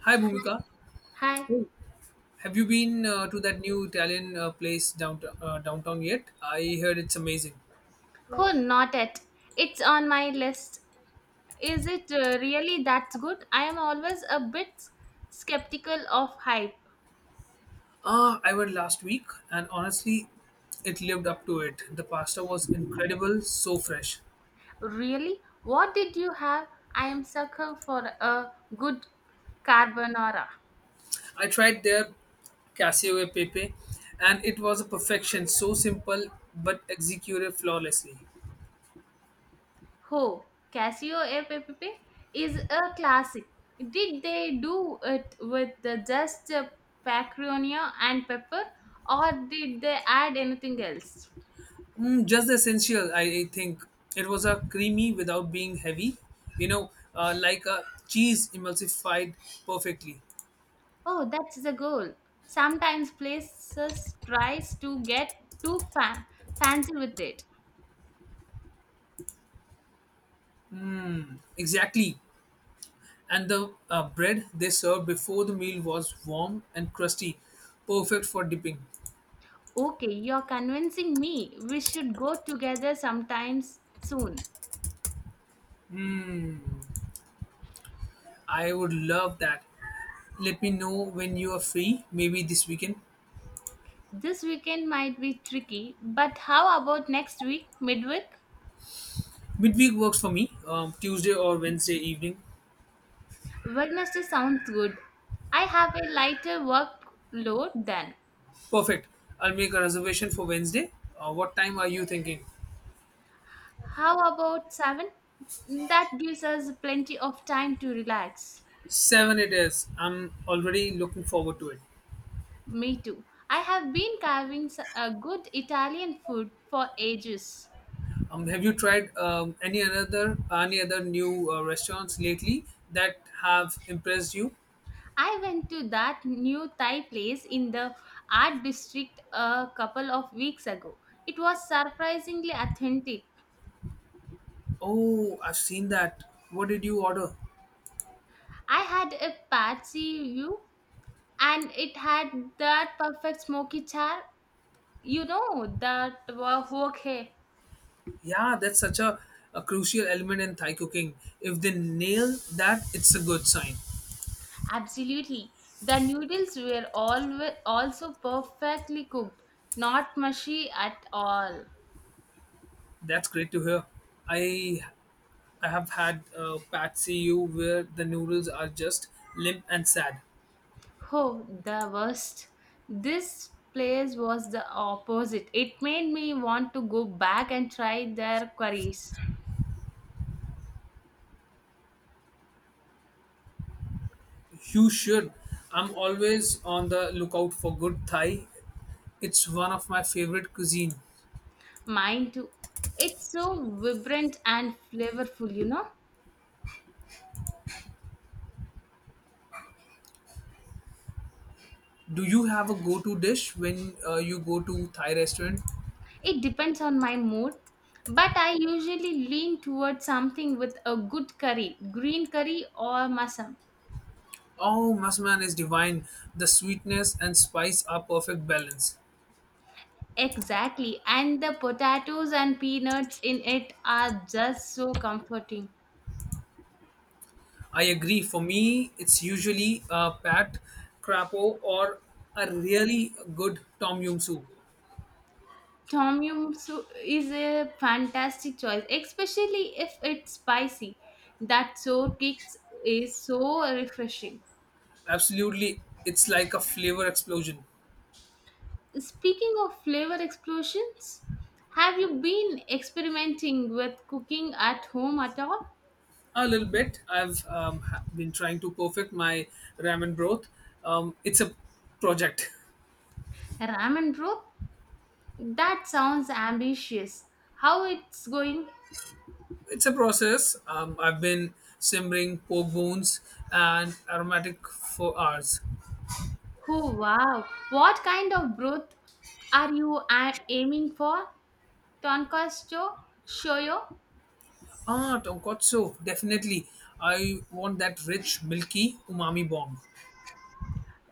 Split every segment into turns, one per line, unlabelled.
Hi, Bhumika.
Hi.
Hey. Have you been to that new Italian place downtown, downtown yet? I heard it's amazing.
Cool, not it. It's on my list. Is it really that good? I am always a bit skeptical of hype.
I went last week, and honestly, it lived up to it. The pasta was incredible, so fresh.
Really? What did you have? I am sucker for a good carbonara.
I tried their cassio e pepe, and it was a perfection. So simple, but executed flawlessly.
Ho, Casio app is a classic. Did they do it with the just paprika and pepper or did they add anything else?
Mm, just the essential, I think. It was a creamy without being heavy, like a cheese emulsified perfectly.
Oh, that's the goal. Sometimes places tries to get too fa- fancy with it.
Exactly. And the bread they served before the meal was warm and crusty, perfect for dipping.
Okay, you're convincing me. We should go together sometimes soon.
I would love that. Let me know when you are free, maybe this weekend.
This weekend might be tricky, but how about next week, midweek?
Midweek works for me, Tuesday or Wednesday evening.
Wednesday sounds good. I have a lighter workload then.
Perfect. I'll make a reservation for Wednesday. What time are you thinking?
How about 7? That gives us plenty of time to relax.
7 it is. I'm already looking forward to it.
Me too. I have been carving a good Italian food for ages.
Have you tried any other new restaurants lately that have impressed you?
I went to that new Thai place in the art district a couple of weeks ago. It was surprisingly authentic.
Oh, I've seen that. What did you order?
I had a patsy view and it had that perfect smoky char. You know, okay.
Yeah, that's such a crucial element in Thai cooking. If they nail that, it's a good sign.
Absolutely. The noodles were all also perfectly cooked, not mushy at all.
That's great to hear. I I have had pad see you where the noodles are just limp and sad.
Oh, the worst. This place was the opposite. It made me want to go back and try their curries.
You should. I'm always on the lookout for good Thai. It's one of my favorite cuisine.
Mine too. It's so vibrant and flavorful, you know?
Do you have a go-to dish when you go to Thai restaurant?
It depends on my mood. But I usually lean towards something with a good curry, green curry or masam.
Oh, Masman is divine. The sweetness and spice are perfect balance.
Exactly. And the potatoes and peanuts in it are just so comforting.
I agree. For me, it's usually a pat crapo or a really good tom yum soup.
Tom Yum soup is a fantastic choice, especially if it's spicy. That sour kick is so refreshing.
Absolutely, it's like a flavor explosion.
Speaking of flavor explosions, have you been experimenting with cooking at home at all?
A little bit. Been trying to perfect my ramen broth. It's a project.
Ramen broth? That sounds ambitious. How it's going?
It's a process. I've been simmering pork bones and aromatic for hours.
Oh wow! What kind of broth are you aiming for? Tonkatsu shoyo?
Tonkotsu, definitely. I want that rich, milky umami bomb.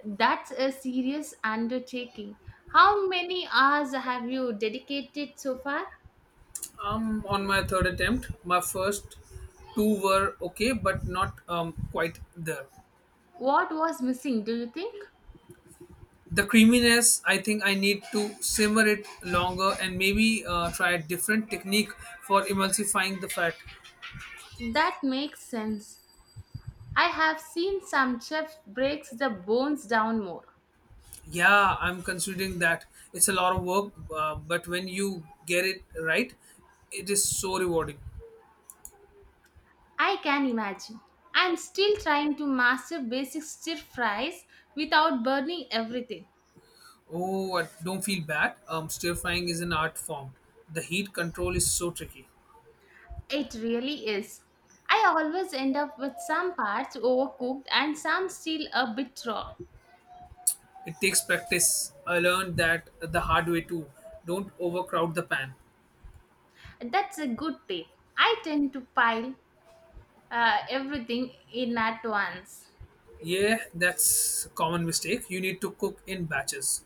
That's a serious undertaking. How many hours have you dedicated so far?
I'm on my third attempt. My first two were okay, but not quite there.
What was missing, do you think?
The creaminess, I think I need to simmer it longer and maybe try a different technique for emulsifying the fat.
That makes sense. I have seen some chef breaks the bones down more.
Yeah, I'm considering that. It's a lot of work, but when you get it right, it is so rewarding.
I can imagine. I'm still trying to master basic stir fries without burning everything.
Oh, don't feel bad. Stir frying is an art form. The heat control is so tricky.
It really is. I always end up with some parts overcooked and some still a bit raw.
It takes practice. I learned that the hard way too. Don't overcrowd the pan.
That's a good tip. I tend to pile everything in at once.
Yeah, that's a common mistake. You need to cook in batches.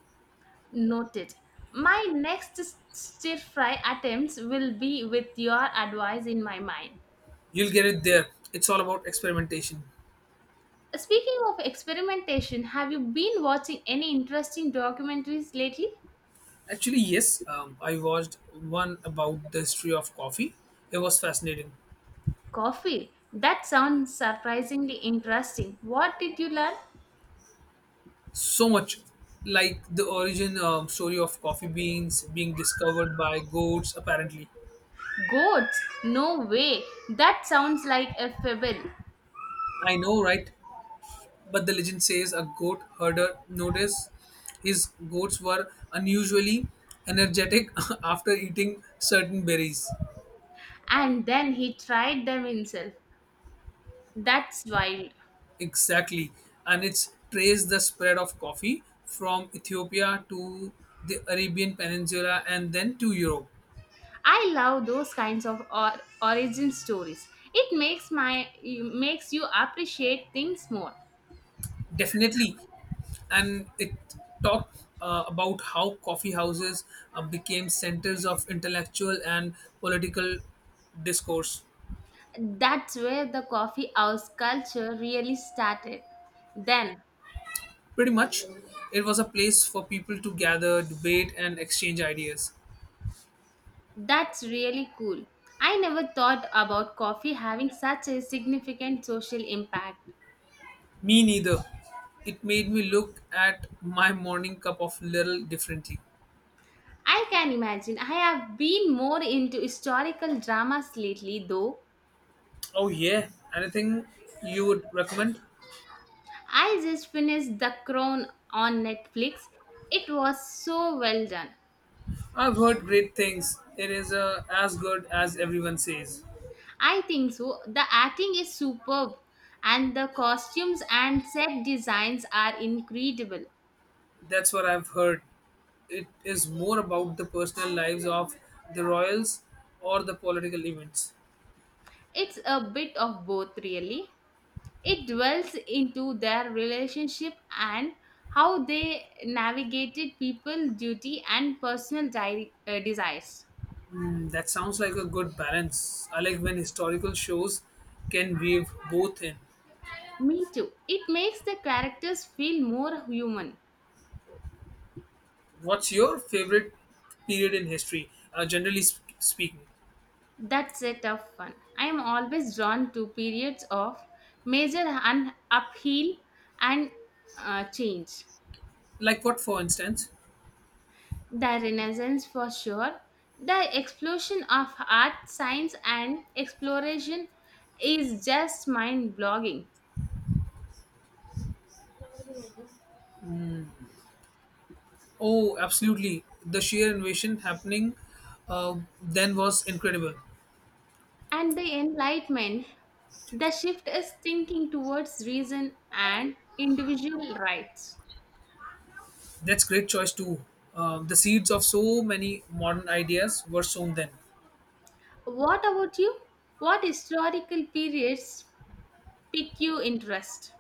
Noted. My next stir fry attempts will be with your advice in my mind.
You'll get it there. It's all about experimentation.
Speaking of experimentation, have you been watching any interesting documentaries lately?
Actually, yes, I watched one about the history of coffee. It was fascinating.
Coffee. That sounds surprisingly interesting. What did you learn?
So much like the origin story of coffee beans being discovered by goats, apparently.
Goats. No way. That sounds like a fable.
I know, right? But the legend says a goat herder noticed his goats were unusually energetic after eating certain berries.
And then he tried them himself. That's wild.
Exactly. And it's traced the spread of coffee from Ethiopia to the Arabian Peninsula and then to Europe.
I love those kinds of origin stories. It makes you appreciate things more.
Definitely. And it talked about how coffee houses became centers of intellectual and political discourse.
That's where the coffee house culture really started. Then
Pretty much, it was a place for people to gather, debate, and exchange ideas.
that's really cool. I never thought about coffee having such a significant social impact.
Me neither. It made me look at my morning cup of little differently.
I can imagine. I have been more into historical dramas lately though.
Oh, yeah. Anything you would recommend?
I just finished The Crown on Netflix. It was so well done.
I've heard great things. It is as good as everyone says.
I think so. The acting is superb, and the costumes and set designs are incredible.
That's what I've heard. It is more about the personal lives of the royals or the political events.
It's a bit of both, really. It dwells into their relationship and how they navigated people, duty, and personal desires.
Mm, that sounds like a good balance. I like when historical shows can weave both in.
Me too. It makes the characters feel more human.
What's your favorite period in history, generally speaking?
That's a tough one. I am always drawn to periods of major upheaval and change.
Like what, for instance?
The Renaissance for sure. The explosion of art, science, and exploration is just mind blogging.
Oh, absolutely. The sheer invasion happening then was incredible.
And the Enlightenment, the shift is thinking towards reason and individual rights.
That's great choice too. The seeds of so many modern ideas were sown then.
What about you? What historical periods pique your interest?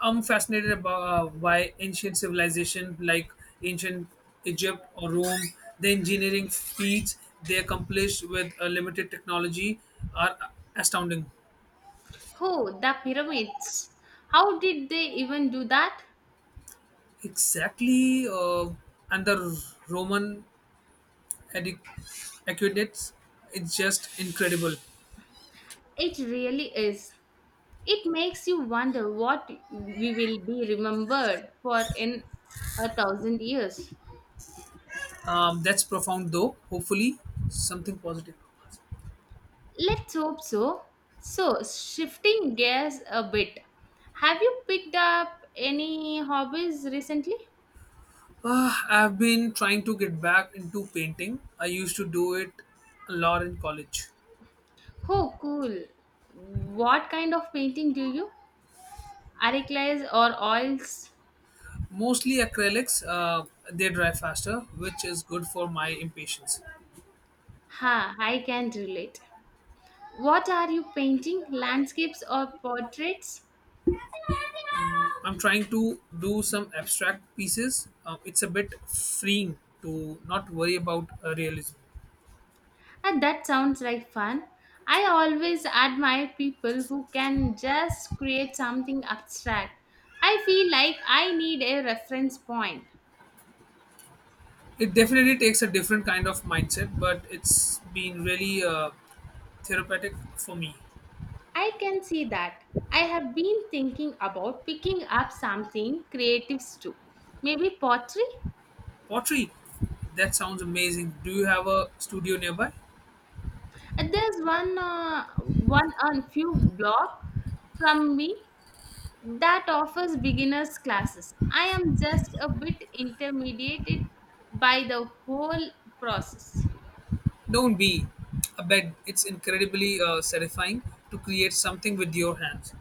I'm fascinated about by ancient civilization like ancient Egypt or Rome. The engineering feats they accomplished with limited technology are astounding.
Oh, the pyramids. How did they even do that?
Exactly, and the Roman adi- aqueducts, it's just incredible.
It really is. It makes you wonder what we will be remembered for in 1,000 years.
That's profound, though. Hopefully, something positive.
Let's hope so. So, shifting gears a bit, have you picked up any hobbies recently?
I've been trying to get back into painting. I used to do it a lot in college.
Oh, cool. What kind of painting do you? Acrylics or oils?
Mostly acrylics, they dry faster, which is good for my impatience.
Ha, I can relate. What are you painting? Landscapes or portraits?
Mm, I'm trying to do some abstract pieces. It's a bit freeing to not worry about realism.
And that sounds like fun. I always admire people who can just create something abstract. I feel like I need a reference point.
It definitely takes a different kind of mindset, but it's been really therapeutic for me.
I can see that. I have been thinking about picking up something creative too. Maybe pottery?
Pottery, that sounds amazing. Do you have a studio nearby?
And there's one on few blog from me that offers beginners classes. I am just a bit intimidated by the whole process.
Don't be. I bet it's incredibly satisfying to create something with your hands.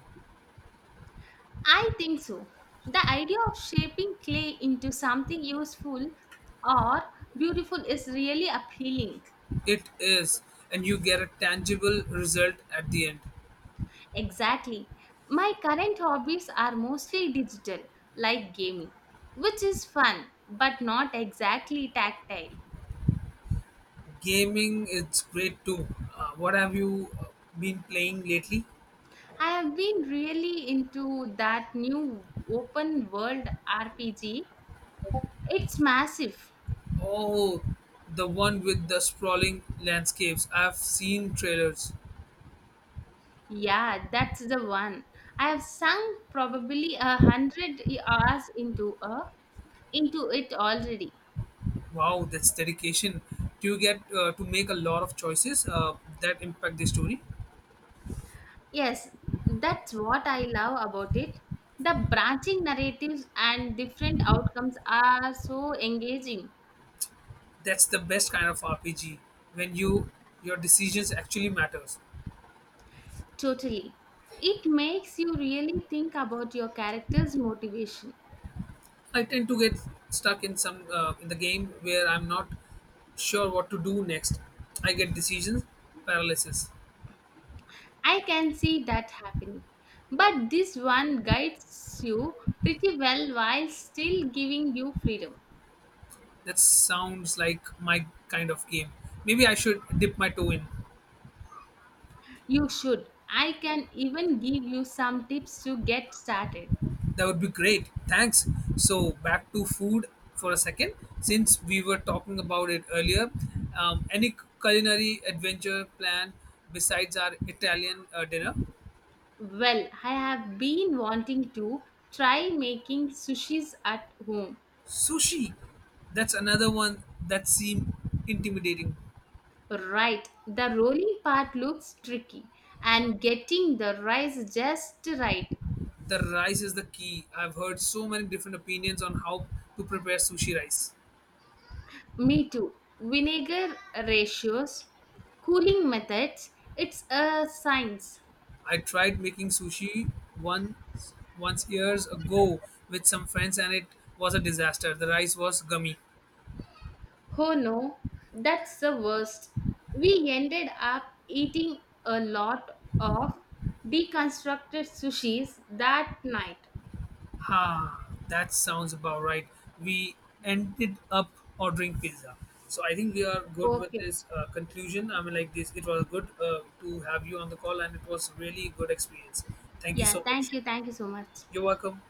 I think so. The idea of shaping clay into something useful or beautiful is really appealing.
It is, and you get a tangible result at the end.
Exactly. My current hobbies are mostly digital, like gaming, which is fun but not exactly tactile.
Gaming is great too. What have you been playing lately?
I have been really into that new open world RPG. It's massive.
Oh, the one with the sprawling landscapes. I've seen trailers.
Yeah, that's the one. I have sunk probably 100 hours into it already.
Wow, that's dedication. Do you get to make a lot of choices that impact the story?
Yes, that's what I love about it. The branching narratives and different outcomes are so engaging.
That's the best kind of RPG when your decisions actually matters.
Totally. It makes you really think about your character's motivation.
I tend to get stuck in the game where I'm not sure what to do next. I get decisions paralysis.
I can see that happening. But this one guides you pretty well while still giving you freedom.
That sounds like my kind of game. Maybe I should dip my toe in.
You should. I can even give you some tips to get started.
That would be great. Thanks. So back to food for a second, since we were talking about it earlier. Any culinary adventure plan besides our Italian dinner?
Well, I have been wanting to try making sushis at home.
Sushi. That's another one that seemed intimidating.
Right, the rolling part looks tricky and getting the rice just right.
The rice is the key. I've heard so many different opinions on how to prepare sushi rice.
Me too. Vinegar ratios, cooling methods, it's a science.
I tried making sushi once years ago with some friends and it was a disaster. The rice was gummy.
Oh no, that's the worst. We ended up eating a lot of deconstructed sushis that night.
Ha, that sounds about right. We ended up ordering pizza. So I think we are good with
Okay.
this conclusion. It was good to have you on the call, and it was really good experience. Thank you
Yeah,
so much.
thank you. Thank you so much.
You're welcome.